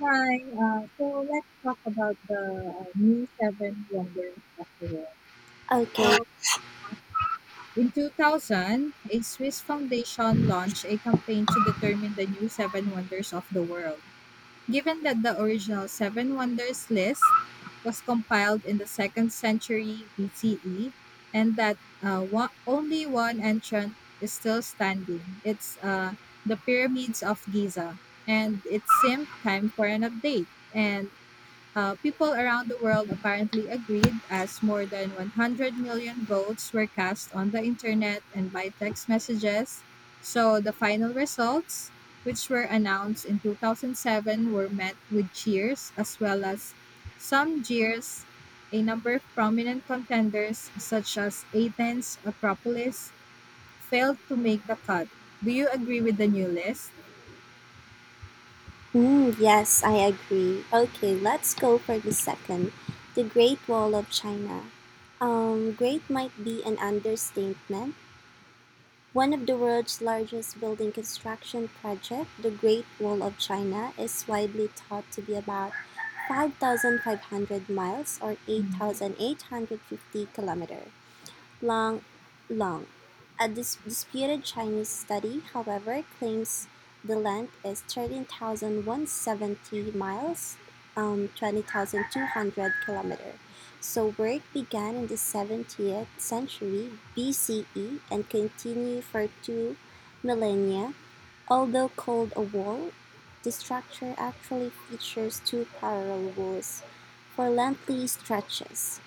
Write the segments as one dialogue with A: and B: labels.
A: Hi, so let's talk about the new seven wonders of the world.
B: Okay.
A: So, in 2000, a Swiss foundation launched a campaign to determine the new seven wonders of the world. Given that the original seven wonders list was compiled in the second century BCE and that only one entrant is still standing, it's the pyramids of Giza, and it seemed time for an update. And people around the world apparently agreed, as more than 100 million votes were cast on the internet and by text messages. So the final results, which were announced in 2007, were met with cheers as well as some jeers. A number of prominent contenders, such as Athens, Acropolis, failed to make the cut. Do you agree with the new list?
B: Mm, yes, I agree. Okay, let's go for the second. The Great Wall of China. Great might be an understatement. One of the world's largest building construction project, the Great Wall of China, is widely thought to be about 5,500 miles or 8,850 kilometers. Lang Long, a disputed Chinese study, however, claims the length is 13,170 miles, 20,200 kilometers. So work began in the 70th century BCE and continued for two millennia. Although called a wall, the structure actually features two parallel walls for lengthy stretches.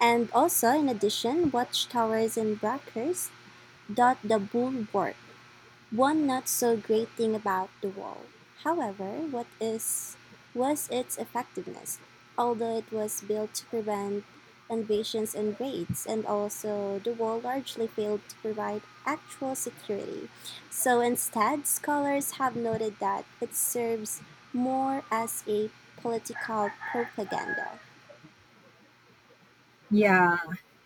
B: And also, in addition, watchtowers and breakers dot the bulwark, one not so great thing about the wall. However, what is was its effectiveness? Although it was built to prevent invasions and raids, and also the wall largely failed to provide actual security. So instead, scholars have noted that it serves more as a political propaganda.
A: Yeah,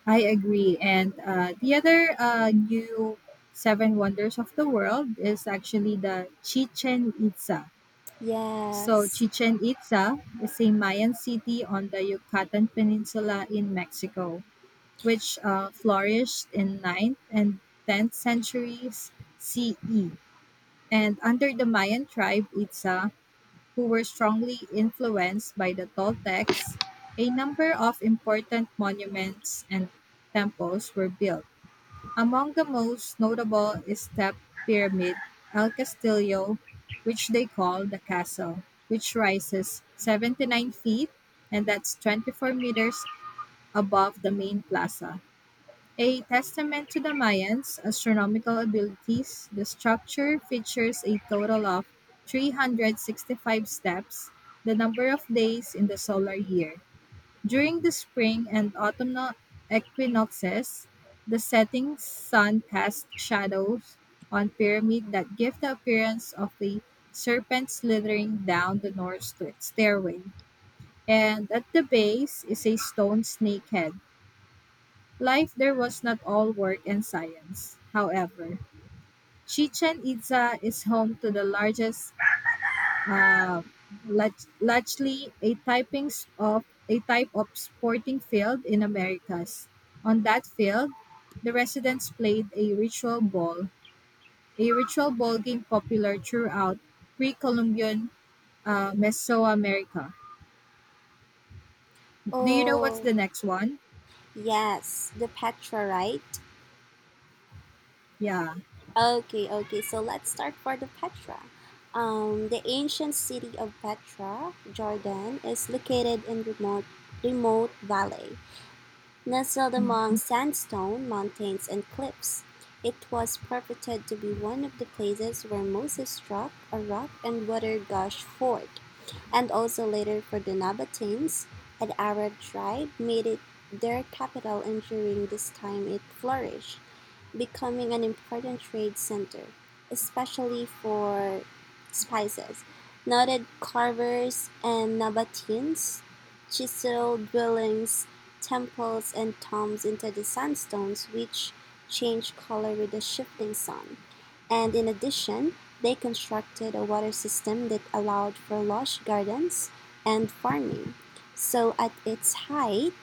A: I agree. And the other new seven wonders of the world is actually the Chichen Itza. So,
B: Yes.
A: Chichen Itza is a Mayan city on the Yucatan Peninsula in Mexico, which flourished in ninth and 10th centuries CE. And under the Mayan tribe Itza, who were strongly influenced by the Toltecs, a number of important monuments and temples were built. Among the most notable is the pyramid El Castillo, which they call the castle, which rises 79 feet, and that's 24 meters, above the main plaza. A testament to the Mayans' astronomical abilities, the structure features a total of 365 steps, the number of days in the solar year. During the spring and autumnal equinoxes, the setting sun casts shadows on pyramid that give the appearance of a serpent slithering down the stairway. And at the base is a stone snakehead. Life there was not all work and science, however. Chichen Itza is home to the largest, uh, largely a typings of a type of sporting field in Americas. On that field, the residents played a ritual ball game popular throughout pre-Columbian Mesoamerica. Do you know what's
B: Oh,
A: the next one?
B: yes, the Petra, right?
A: Yeah.
B: Okay, okay. So let's start for the Petra. The ancient city of Petra, Jordan, is located in remote valley. Nestled among sandstone mountains and cliffs, it was purported to be one of the places where Moses struck a rock and water gushed forth, and also later for the Nabateans, an Arab tribe, made it their capital, and during this time it flourished, becoming an important trade center, especially for spices. Noted carvers and Nabateans chiseled dwellings, temples, and tombs into the sandstones, which change color with the shifting sun. And in addition, they constructed a water system that allowed for lush gardens and farming. So at its height,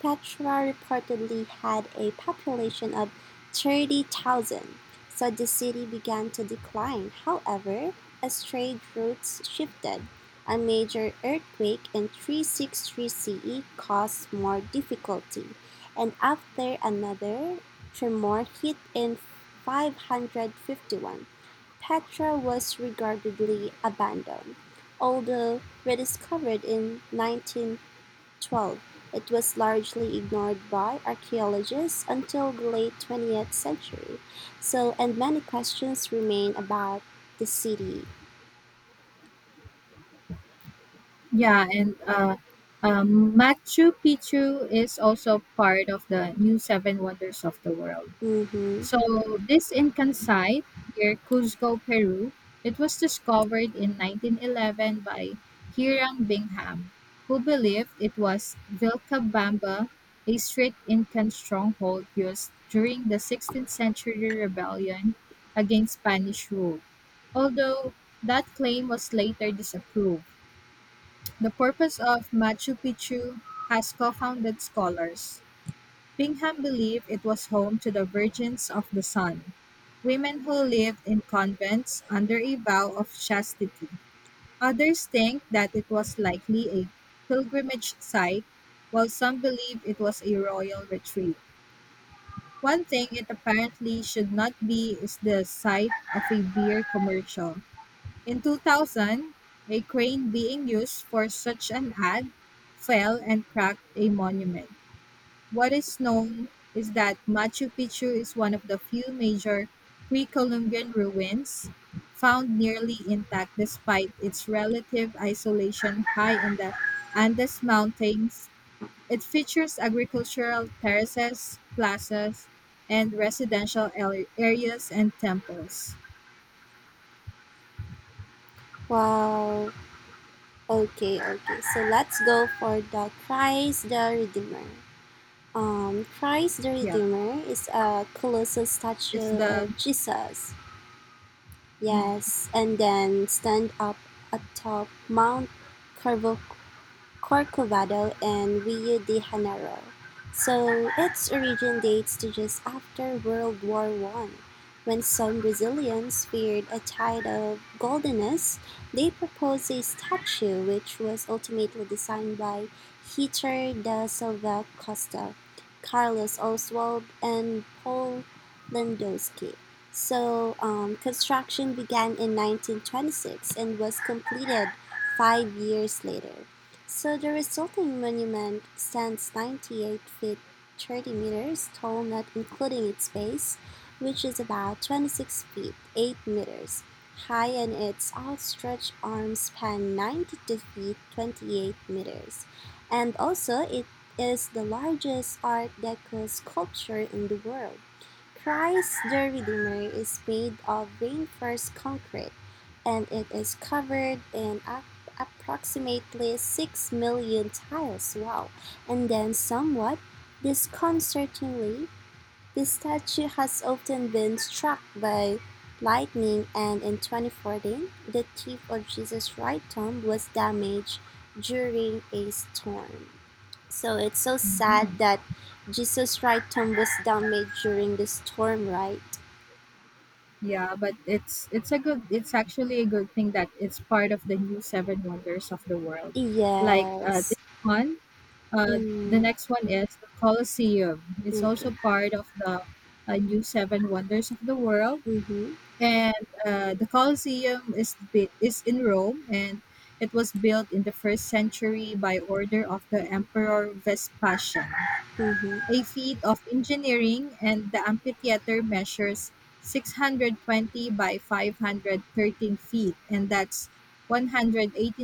B: Petra reportedly had a population of 30,000. So the city began to decline. However, as trade routes shifted, a major earthquake in 363 CE caused more difficulty, and after another tremor hit in 551, Petra was regrettably abandoned. Although rediscovered in 1912, it was largely ignored by archaeologists until the late 20th century. So, and many questions remain about the city.
A: Yeah, and Machu Picchu is also part of the new seven wonders of the world.
B: Mm-hmm.
A: So this Incan site near Cuzco, Peru, it was discovered in 1911 by Hiram Bingham, who believed it was Vilcabamba, a strict Incan stronghold used during the 16th century rebellion against Spanish rule. Although that claim was later disapproved. The purpose of Machu Picchu has confounded scholars. Bingham believed it was home to the Virgins of the Sun, women who lived in convents under a vow of chastity. Others think that it was likely a pilgrimage site, while some believe it was a royal retreat. One thing it apparently should not be is the site of a beer commercial. In 2000, a crane being used for such an ad fell and cracked a monument. What is known is that Machu Picchu is one of the few major pre Columbian ruins found nearly intact despite its relative isolation high in the Andes Mountains. It features agricultural terraces, plazas, and areas and temples.
B: Wow. Okay, okay. So let's go for the Christ the Redeemer. Christ the
A: Yeah,
B: Redeemer is a colossal
A: it's
B: statue
A: the.
B: of Jesus. Yes, and then stand up atop Mount Carvocrol Corcovado and Rio de Janeiro, so its origin dates to just after World War One. When some Brazilians feared a tide of goldenness, they proposed a statue which was ultimately designed by Heitor da Silva Costa, Carlos Oswald, and Paul Landowski. So construction began in 1926 and was completed 5 years later. So the resulting monument stands 98 feet, 30 meters tall, not including its base, which is about 26 feet, 8 meters high, and its outstretched arms span 92 feet, 28 meters. And also, it is the largest Art Deco sculpture in the world. Christ the Redeemer is made of reinforced concrete and it is covered in approximately 6 million tiles. Wow. And then, somewhat disconcertingly, the statue has often been struck by lightning, and in 2014, the tip of Jesus' right thumb was damaged during a storm. So it's so sad
A: Mhm.
B: that Jesus' right thumb was damaged during the storm, right?
A: Yeah, but it's a good it's actually a good thing that it's part of the new seven wonders of the world. Like
B: Yes.
A: this one, the
B: Mm,
A: next one is the Colosseum. It's
B: okay.
A: also part of the new seven wonders of the world,
B: Mm-hmm.
A: and the Colosseum is in Rome, and it was built in the first century by order of the Emperor Vespasian.
B: Mm-hmm.
A: A feat of engineering, and the amphitheater measures 620 by 513 feet, and that's 189